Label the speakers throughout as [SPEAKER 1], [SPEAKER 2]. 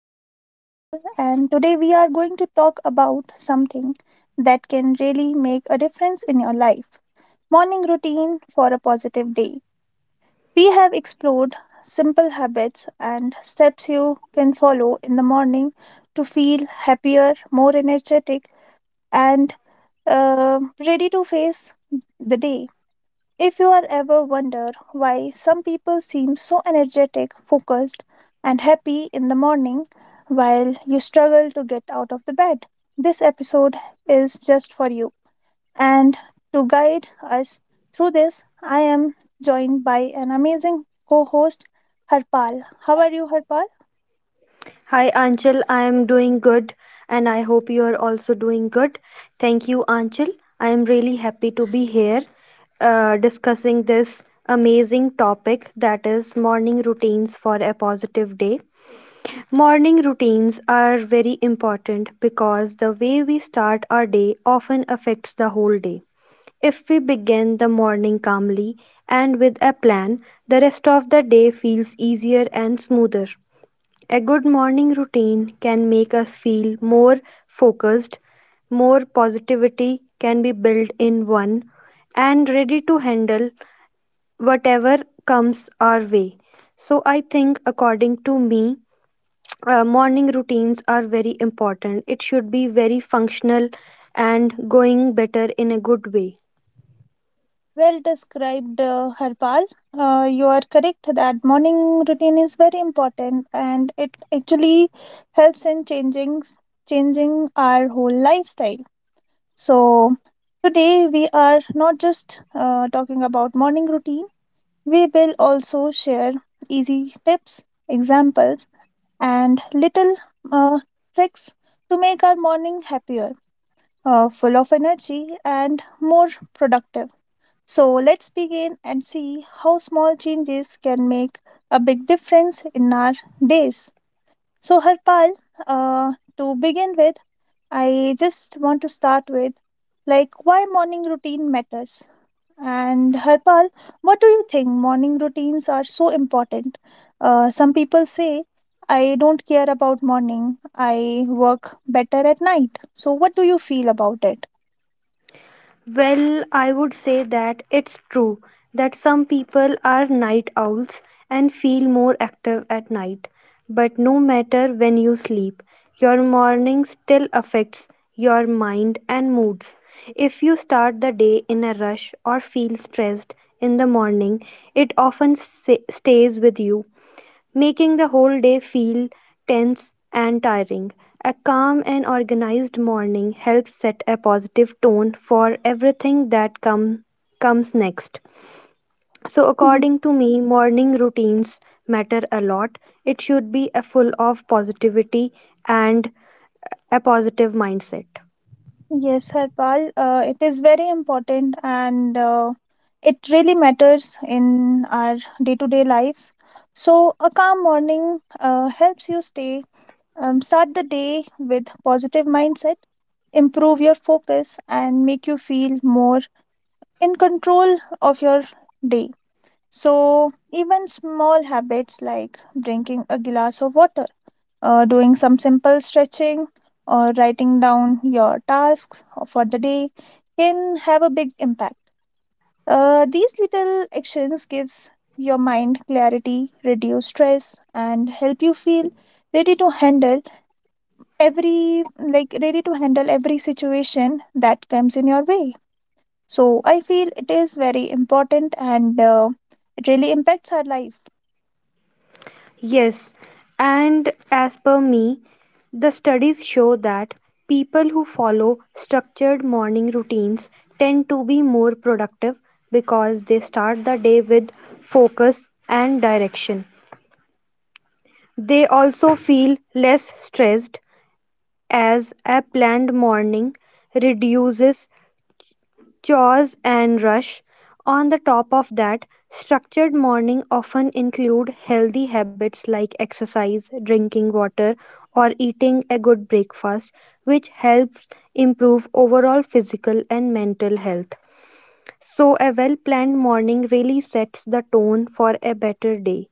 [SPEAKER 1] My name is Anchal, and today we are going to talk about something that can really make a difference in your life: morning routine for a positive day. We have explored simple habits and steps you can follow in the morning to feel happier, more energetic, and uh, ready to face the day. If you are ever wonder why some people seem so energetic, focused, and happy in the morning while you struggle to get out of the bed, this episode is just for you. And to guide us through this, I am joined by an amazing co-host Harpal. How are you, Harpal?
[SPEAKER 2] Hi Anchal, I am doing good and I hope you are also doing good. Thank you, Anchal. I am really happy to be here discussing this amazing topic that is morning routines for a positive day. Morning routines are very important because the way we start our day often affects the whole day. If we begin the morning calmly and with a plan, the rest of the day feels easier and smoother. A good morning routine can make us feel more focused, more positivity can be built in one, and ready to handle whatever comes our way. So, I think, according to me, morning routines are very important. It should be very functional and going better in a good way.
[SPEAKER 1] Well described, Harpal. You are correct that morning routine is very important, and it actually helps in changing our whole lifestyle. So today we are not just talking about morning routine. We will also share easy tips, examples, and little uh, tricks to make our morning happier, full of energy, and more productive. So let's begin and see how small changes can make a big difference in our days. So, Harpal, to begin with, I just want to start with like why morning routine matters. And Harpal, what do you think morning routines are so important? Some people say, I don't care about morning, I work better at night. So, what do you feel about it?
[SPEAKER 2] Well, I would say that it's true that some people are night owls and feel more active at night. But no matter when you sleep, your morning still affects your mind and moods. If you start the day in a rush or feel stressed in the morning, it often stays with you, making the whole day feel tense and tiring. A calm and organized morning helps set a positive tone for everything comes next. So, according to me, morning routines matter a lot. It should be a full of positivity and a positive mindset.
[SPEAKER 1] Yes, Harpal, it is very important and it really matters in our day to day lives. So, a calm morning helps you stay, start the day with positive mindset, improve your focus, and make you feel more in control of your day. So, even small habits like drinking a glass of water, doing some simple stretching or writing down your tasks for the day can have a big impact. These little actions gives your mind clarity, reduce stress, and help you feel ready to handle every like ready to handle every situation that comes in your way. So I feel it is very important and it really impacts our life.
[SPEAKER 2] Yes, and as per me, the studies show that people who follow structured morning routines tend to be more productive because they start the day with focus and direction. They also feel less stressed as a planned morning reduces chores and rush. On the top of that, structured morning often include healthy habits like exercise, drinking water, or eating a good breakfast, which helps improve overall physical and mental health. So, a well planned morning really sets the tone for a better day.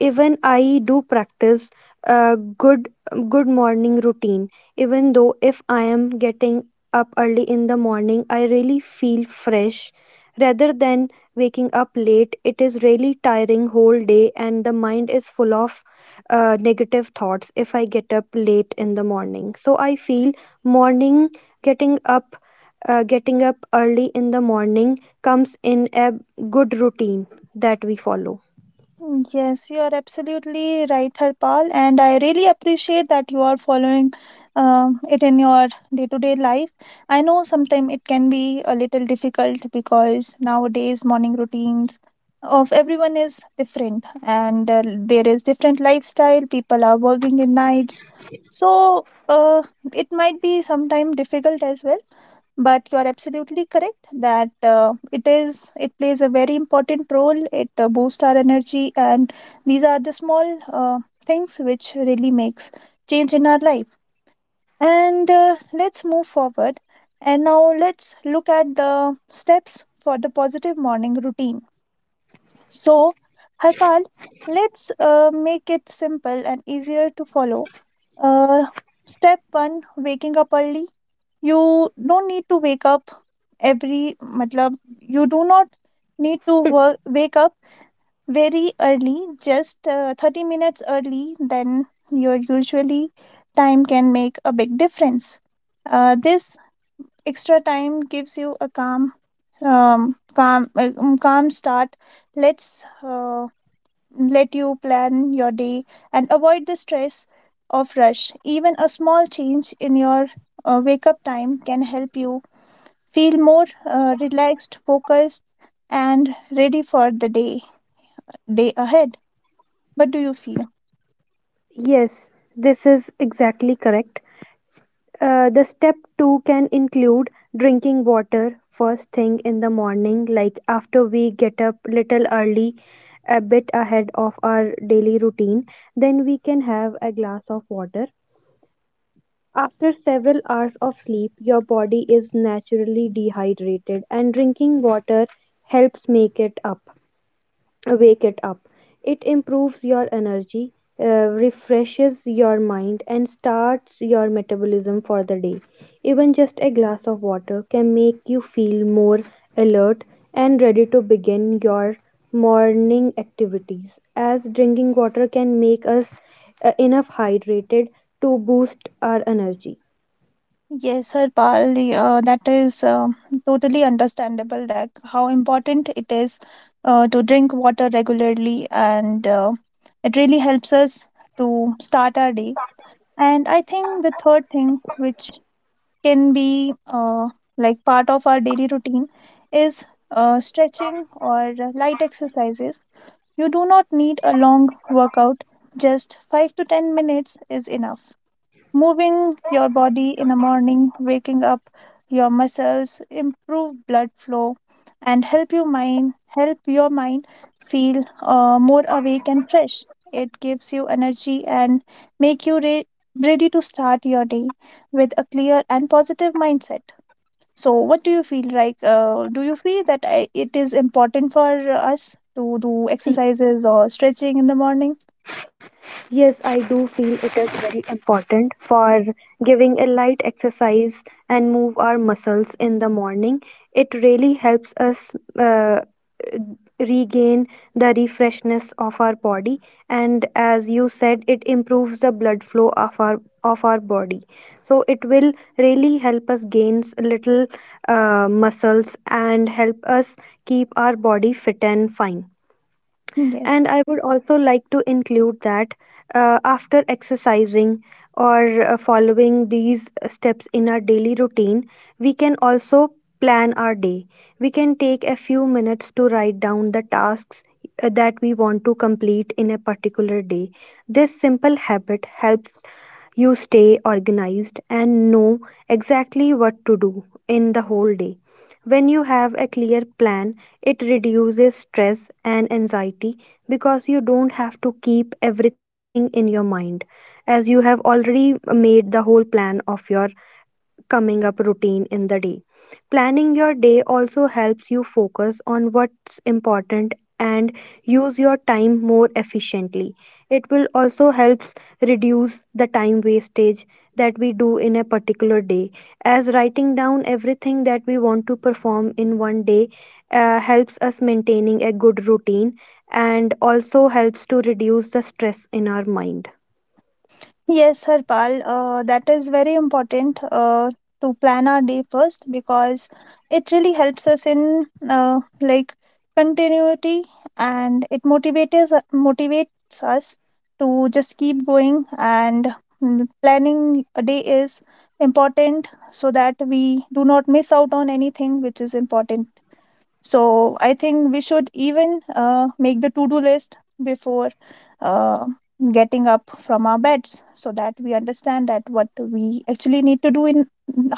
[SPEAKER 2] Even I do practice a good good morning routine. Even though if I am getting up early in the morning, I really feel fresh rather than waking up late. It is really tiring whole day and the mind is full of negative thoughts if I get up late in the morning. So I feel morning getting up getting up early in the morning comes in a good routine that we follow.
[SPEAKER 1] Mm, yes, you are absolutely right, Harpal, and I really appreciate that you are following it in your day to day life. I know sometimes it can be a little difficult because nowadays morning routines of everyone is different and there is different lifestyle, people are working in nights. So it might be sometimes difficult as well, but you are absolutely correct that it is it plays a very important role. It boosts our energy, and these are the small things which really makes change in our life. And let's move forward and now let's look at the steps for the positive morning routine. So, Harpal, let's make it simple and easier to follow. uh, Step one, waking up early. You don't need to wake up every, matlab, you do not need to wake up very early, just 30 minutes early, then your usually time can make a big difference. This extra time gives you a calm start. Let's uh, let you plan your day and avoid the stress of rush. Even a small change in your wake up time can help you feel more relaxed, focused, and ready for the day ahead. What do you feel?
[SPEAKER 2] Yes, this is exactly correct. The step two can include drinking water first thing in the morning, like after we get up little early, a bit ahead of our daily routine. Then we can have a glass of water. After several hours of sleep, your body is naturally dehydrated, and drinking water helps make it up wake it up. It improves your energy, uh, refreshes your mind, and starts your metabolism for the day. Even just a glass of water can make you feel more alert and ready to begin your morning activities, as drinking water can make us enough hydrated to boost our energy.
[SPEAKER 1] Yes, Harpal, that is totally understandable. That how important it is to drink water regularly, and it really helps us to start our day. And I think the third thing which can be like part of our daily routine is stretching or light exercises. You do not need a long workout, just 5 to 10 minutes is enough. Moving your body in the morning, waking up your muscles, improve blood flow, and help your mind feel more awake and fresh. It gives you energy and make you ready to start your day with a clear and positive mindset. So, what do you feel like? Do you feel that it is important for us to do exercises or stretching in the morning?
[SPEAKER 2] Yes, I do feel it is very important for giving a light exercise and move our muscles in the morning. It really helps us uh, regain the refreshness of our body, and as you said, it improves the blood flow of our body. So it will really help us gain little muscles and help us keep our body fit and fine.
[SPEAKER 1] Yes.
[SPEAKER 2] And I would also like to include that after exercising or following these steps in our daily routine, we can also plan our day. We can take a few minutes to write down the tasks that we want to complete in a particular day. This simple habit helps you stay organized and know exactly what to do in the whole day. When you have a clear plan, it reduces stress and anxiety because you don't have to keep everything in your mind, as you have already made the whole plan of your coming up routine in the day. Planning your day also helps you focus on what's important and use your time more efficiently. It will also helps reduce the time wastage that we do in a particular day, as writing down everything that we want to perform in one day helps us maintaining a good routine and also helps to reduce the stress in our mind.
[SPEAKER 1] Yes, Harpal, that is very important to plan our day first because it really helps us in, like, continuity, and it motivates us to just keep going. And planning a day is important so that we do not miss out on anything which is important. So I think we should even make the to do list before uh, getting up from our beds so that we understand that what we actually need to do in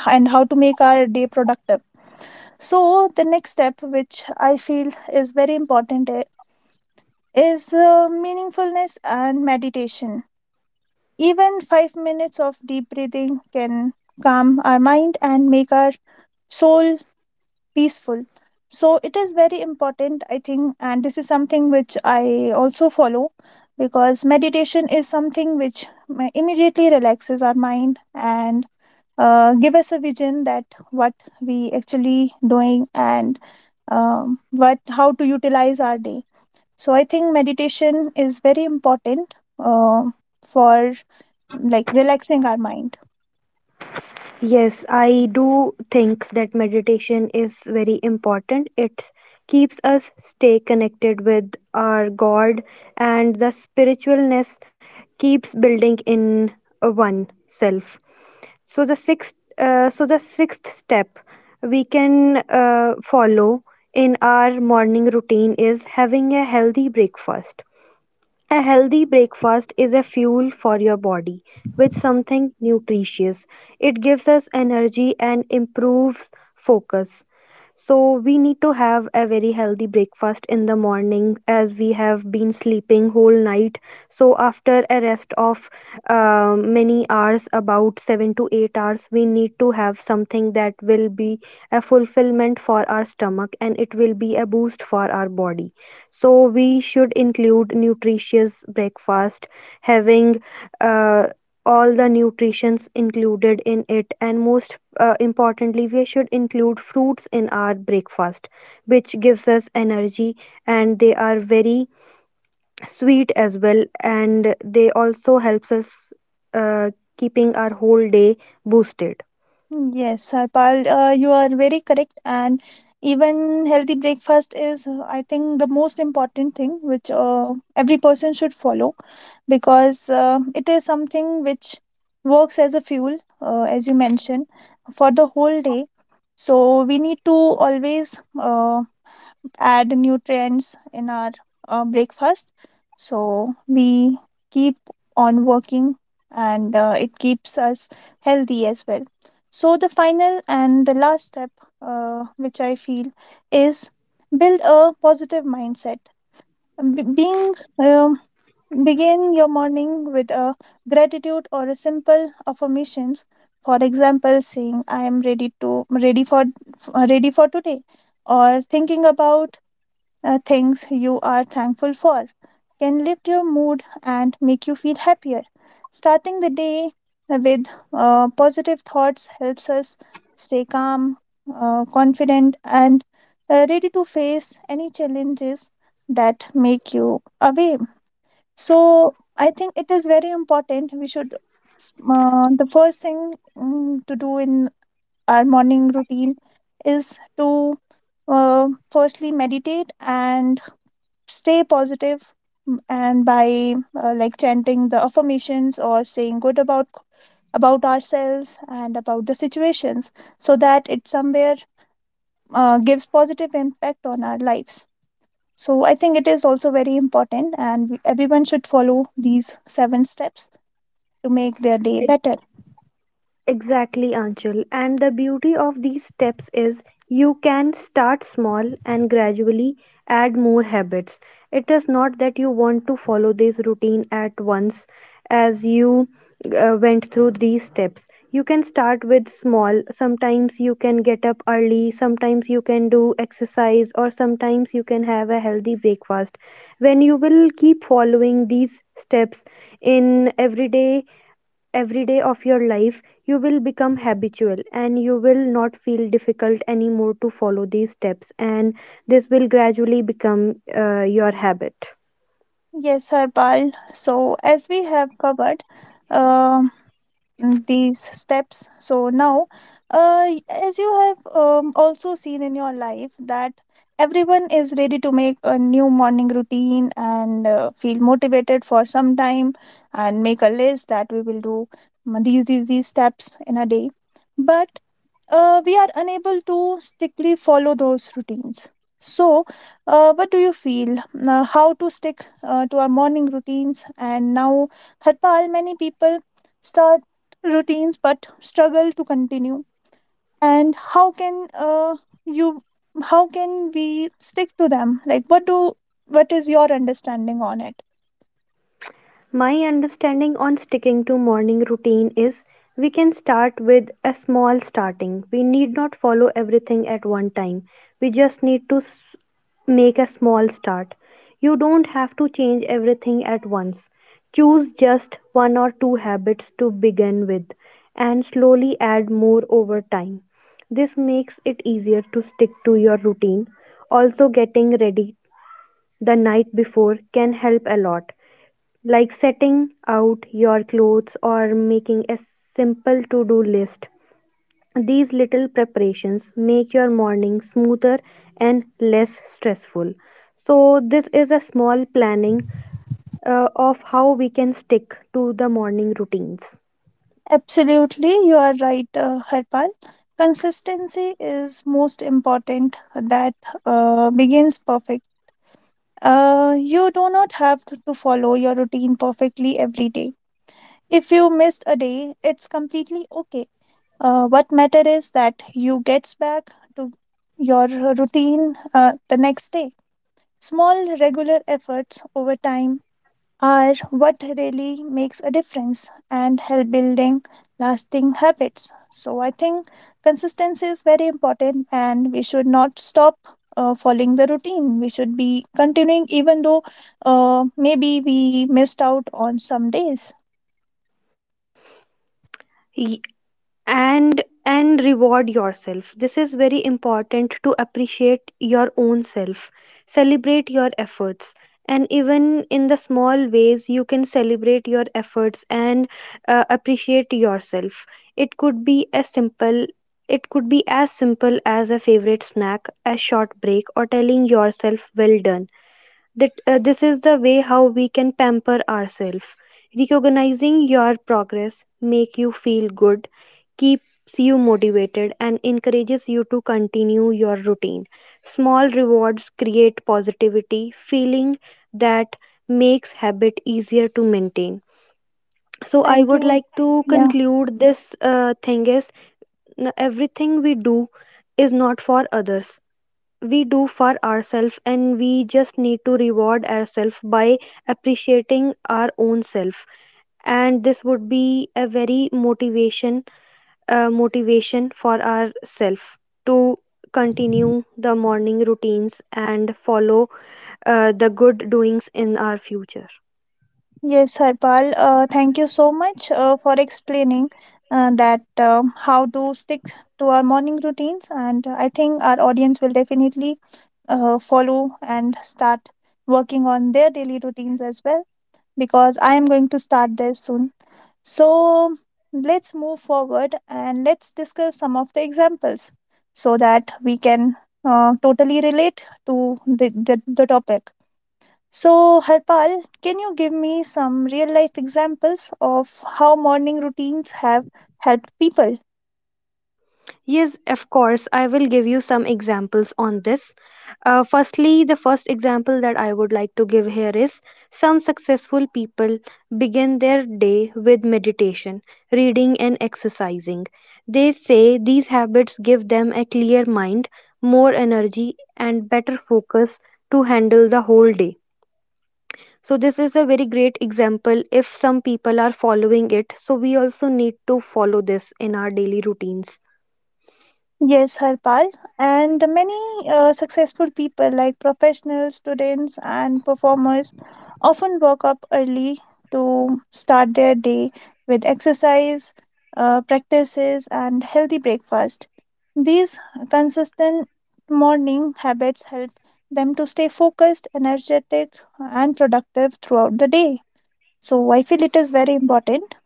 [SPEAKER 1] and how to make our day productive. So the next step, which I feel is very important, is meaningfulness and meditation. Even 5 minutes of deep breathing can calm our mind and make our soul peaceful, so it is very important, I think, and this is something which I also follow, because meditation is something which immediately relaxes our mind and give us a vision that what we actually doing and what how to utilize our day. So I think meditation is very important, uh, for like relaxing our mind.
[SPEAKER 2] Yes, I do think that meditation is very important. It keeps us stay connected with our God and the spiritualness keeps building in oneself. So the sixth step we can follow in our morning routine is having a healthy breakfast. A healthy breakfast is a fuel for your body with something nutritious. It gives us energy and improves focus. So, we need to have a very healthy breakfast in the morning as we have been sleeping whole night. So, after a rest of many hours, about 7 to 8 hours, we need to have something that will be a fulfillment for our stomach and it will be a boost for our body. So we should include nutritious breakfast, having uh, all the nutritions included in it, and most importantly, we should include fruits in our breakfast, which gives us energy, and they are very sweet as well, and they also helps us keeping our whole day boosted.
[SPEAKER 1] Yes, Harpal, you are very correct. And even healthy breakfast is, I think, the most important thing which every person should follow, because it is something which works as a fuel, as you mentioned, for the whole day. So we need to always add nutrients in our breakfast. So we keep on working, and it keeps us healthy as well. So the final and the last step, which I feel, is build a positive mindset. B- being um, begin your morning with a gratitude or a simple affirmations. For example, saying I am ready for today, or thinking about things you are thankful for can lift your mood and make you feel happier. Starting the day with positive thoughts helps us stay calm, confident, and ready to face any challenges that make you away. So, I think it is very important. The first thing, to do in our morning routine, is to firstly meditate and stay positive, and by, like, chanting the affirmations or saying good about ourselves and about the situations, so that it somewhere gives positive impact on our lives. So I think it is also very important, and everyone should follow these seven steps to make their day better.
[SPEAKER 2] Exactly, Anchal. And the beauty of these steps is you can start small and gradually add more habits. It is not that you want to follow this routine at once. As you went through these steps, you can start with small. Sometimes you can get up early, sometimes you can do exercise, or sometimes you can have a healthy breakfast. When you will keep following these steps in every day of your life, you will become habitual and you will not feel difficult anymore to follow these steps, and this will gradually become your habit.
[SPEAKER 1] Yes, Harpal, so as we have covered, um these steps. So now, uh, as you have, also seen in your life, that everyone is ready to make a new morning routine and feel motivated for some time and make a list that we will do, these steps in a day. But we are unable to strictly follow those routines. So, what do you feel? Now, how to stick to our morning routines? And now, Harpal, many people start routines but struggle to continue. And how can you? How can we stick to them? Like, what do? What is your understanding on it?
[SPEAKER 2] My understanding on sticking to morning routine is we can start with a small starting. We need not follow everything at one time. We just need to make a small start. You don't have to change everything at once. Choose just one or two habits to begin with and slowly add more over time. This makes it easier to stick to your routine. Also, getting ready the night before can help a lot, like setting out your clothes or making a simple to do list. These little preparations make your morning smoother and less stressful. So, this is a small planning of how we can stick to the morning routines.
[SPEAKER 1] Absolutely, you are right, Harpal. Consistency is most important. That begins perfect. You do not have to follow your routine perfectly every day. If you missed a day, it's completely okay. What matter is that you gets back to your routine the next day. Small regular efforts over time are what really makes a difference and help building lasting habits. So I think consistency is very important, and we should not stop following the routine. We should be continuing, even though maybe we missed out on some days.
[SPEAKER 2] And reward yourself, this is very important to appreciate your own self, celebrate your efforts, and even in the small ways you can celebrate your efforts and appreciate yourself. It could be a simple it could be as simple as a favorite snack, a short break, or telling yourself well done. That This is the way how we can pamper ourselves. Recognizing your progress make you feel good, keeps you motivated and encourages you to continue your routine. Small rewards create positivity feeling that makes habit easier to maintain. So I
[SPEAKER 1] Thank
[SPEAKER 2] would
[SPEAKER 1] you.
[SPEAKER 2] like to
[SPEAKER 1] Yeah.
[SPEAKER 2] conclude this thing is, everything we do is not for others, we do for ourselves, and we just need to reward ourselves by appreciating our own self, and this would be a very motivation for ourself to continue the morning routines and follow the good doings in our future.
[SPEAKER 1] Yes, Harpal. Thank you so much for explaining, that, how to stick to our morning routines, and I think our audience will definitely follow and start working on their daily routines as well, because I am going to start there soon. So let's move forward and let's discuss some of the examples so that we can totally relate to the topic. So, Harpal, can you give me some real life examples of how morning routines have helped people?
[SPEAKER 2] Yes, of course, I will give you some examples on this. The first example that I would like to give here is some successful people begin their day with meditation, reading, and exercising. They say these habits give them a clear mind, more energy, and better focus to handle the whole day. So, this is a very great example if some people are following it. So, we also need to follow this in our daily routines.
[SPEAKER 1] Yes, Harpal. And many successful people, like professionals, students, and performers, often wake up early to start their day with exercise, practices, and healthy breakfast. These consistent morning habits help them to stay focused, energetic, and productive throughout the day. So, I feel it is very important.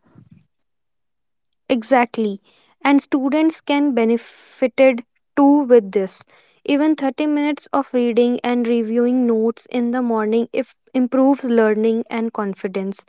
[SPEAKER 2] Exactly. And students can benefited too with this. Even 30 minutes of reading and reviewing notes in the morning if improves learning and confidence.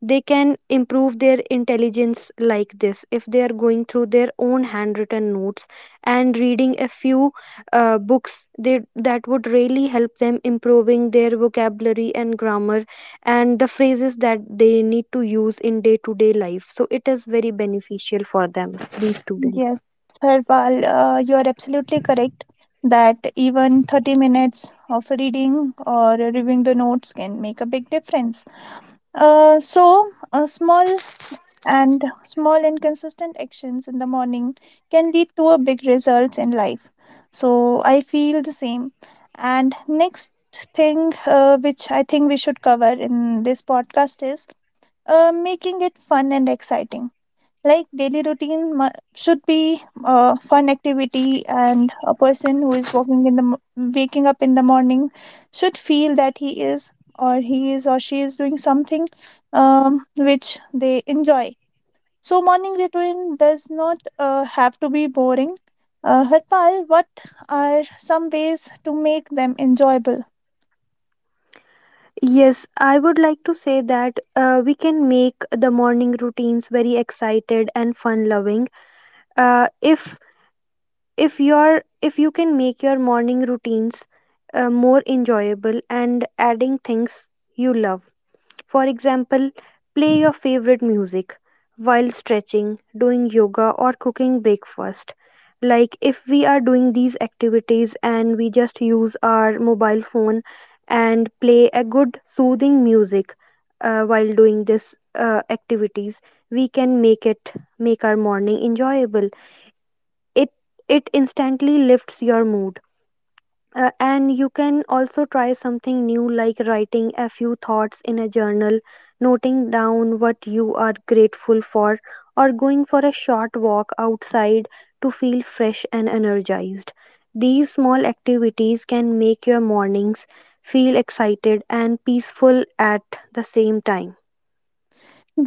[SPEAKER 2] They can improve their intelligence like this if they are going through their own handwritten notes and reading a few books that would really help them improving their vocabulary and grammar and the phrases that they need to use in day to day life. So it is very beneficial for them, these
[SPEAKER 1] Yes,
[SPEAKER 2] students.
[SPEAKER 1] Harpal, you are absolutely correct that even 30 minutes of reading or reviewing the notes can make a big difference. Uh, so, uh, small and small and consistent actions in the morning can lead to a big results in life. So, I feel the same. And next thing, which I think we should cover in this podcast, is making it fun and exciting. Like, daily routine should be a fun activity, and a person who is walking in the waking up in the morning should feel that he is or she is doing something, which they enjoy. So morning routine does not have to be boring. Harpal, what are some ways to make them enjoyable?
[SPEAKER 2] Yes, I would like to say that we can make the morning routines very excited and fun loving. Uh, if if you can make your morning routines more enjoyable and adding things you love. For example, play your favorite music while stretching, doing yoga, or cooking breakfast. Like if we are doing these activities and we just use our mobile phone and play a good soothing music while doing this activities, we can make it make our morning enjoyable. It it instantly lifts your mood. And you can also try something new, like writing a few thoughts in a journal, noting down what you are grateful for, or going for a short walk outside to feel fresh and energized. These small activities can make your mornings feel excited and peaceful at the same time.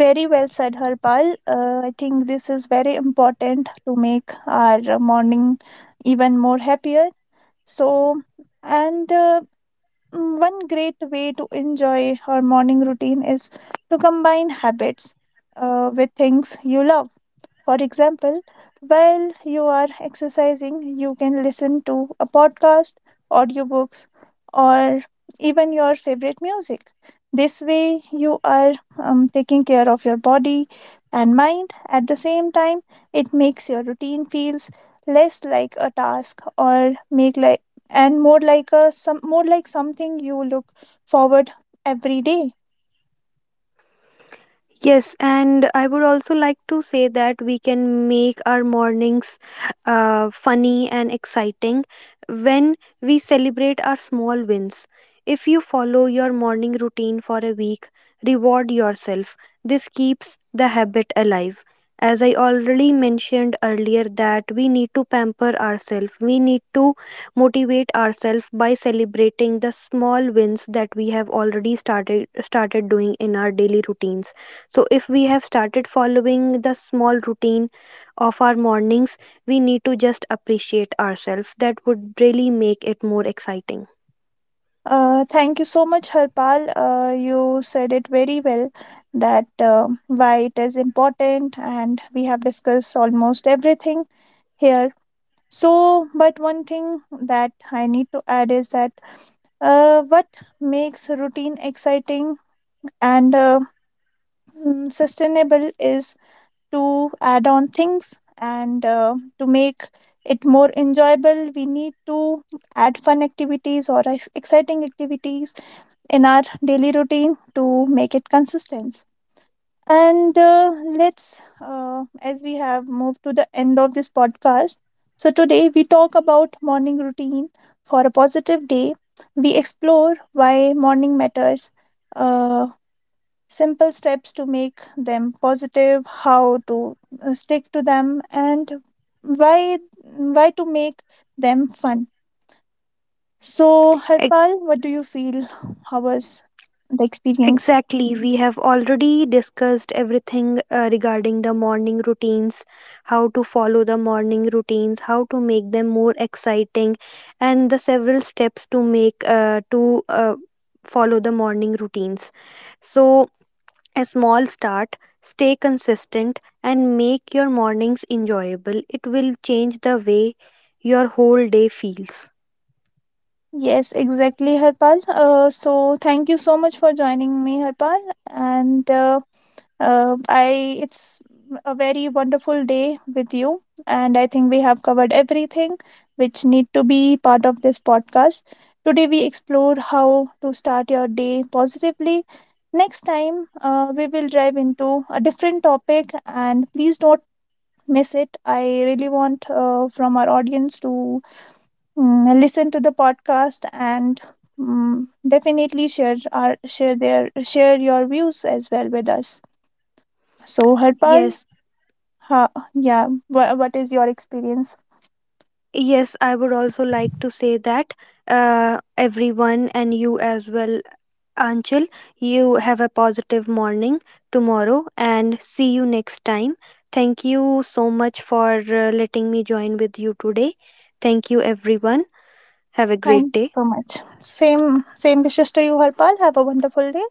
[SPEAKER 1] Very well said, Harpal. I think this is very important to make our morning even more happier. So, and uh, one great way to enjoy her morning routine is to combine habits with things you love. For example, while you are exercising, you can listen to a podcast, audiobooks, or even your favorite music. This way, you are, taking care of your body and mind. At the same time, it makes your routine feels less like a task, or make like and more like something you look forward every day.
[SPEAKER 2] Yes, and I would also like to say that we can make our mornings funny and exciting when we celebrate our small wins. If you follow your morning routine for a week, reward yourself. This keeps the habit alive. As I already mentioned earlier, that we need to pamper ourselves, we need to motivate ourselves by celebrating the small wins that we have already started doing in our daily routines. So, if we have started following the small routine of our mornings, we need to just appreciate ourselves. That would really make it more exciting.
[SPEAKER 1] Thank you so much, Harpal. You said it very well, that why it is important, and we have discussed almost everything here. So, but one thing that I need to add is that, what makes routine exciting and, sustainable, is to add on things, and to make it more enjoyable we need to add fun activities or exciting activities in our daily routine to make it consistent. And let's as we have moved to the end of this podcast, so today we talk about morning routine for a positive day. We explore why morning matters, uh, simple steps to make them positive, how to stick to them, and why why to make them fun. So,
[SPEAKER 2] Ex-
[SPEAKER 1] Harpal, what do you feel? How was the experience?
[SPEAKER 2] Exactly, we have already discussed everything regarding the morning routines, how to follow the morning routines, how to make them more exciting, and the several steps to make to follow the morning routines. So, a small start, stay consistent, and make your mornings enjoyable. It will change the way your whole day feels.
[SPEAKER 1] Yes, exactly, Harpal. So, thank you so much for joining me, Harpal, and. I it's a very wonderful day with you, and I think we have covered everything which need to be part of this podcast. Today we explored how to start your day positively. Next time, we will dive into a different topic, and please don't miss it. I really want, from our audience, to listen to the podcast and. Definitely share our share their share your views as well with us. So, Harpal,
[SPEAKER 2] Yes,
[SPEAKER 1] ha! Yeah. What is your experience?
[SPEAKER 2] yes, I would also like to say that everyone and you as well, Anchal, you have a positive morning tomorrow and see you next time. Thank you so much for letting me join with you today. Thank you, everyone. Have a great
[SPEAKER 1] Thank you
[SPEAKER 2] day.
[SPEAKER 1] so much. Same, same wishes to you, Harpal. Have a wonderful day.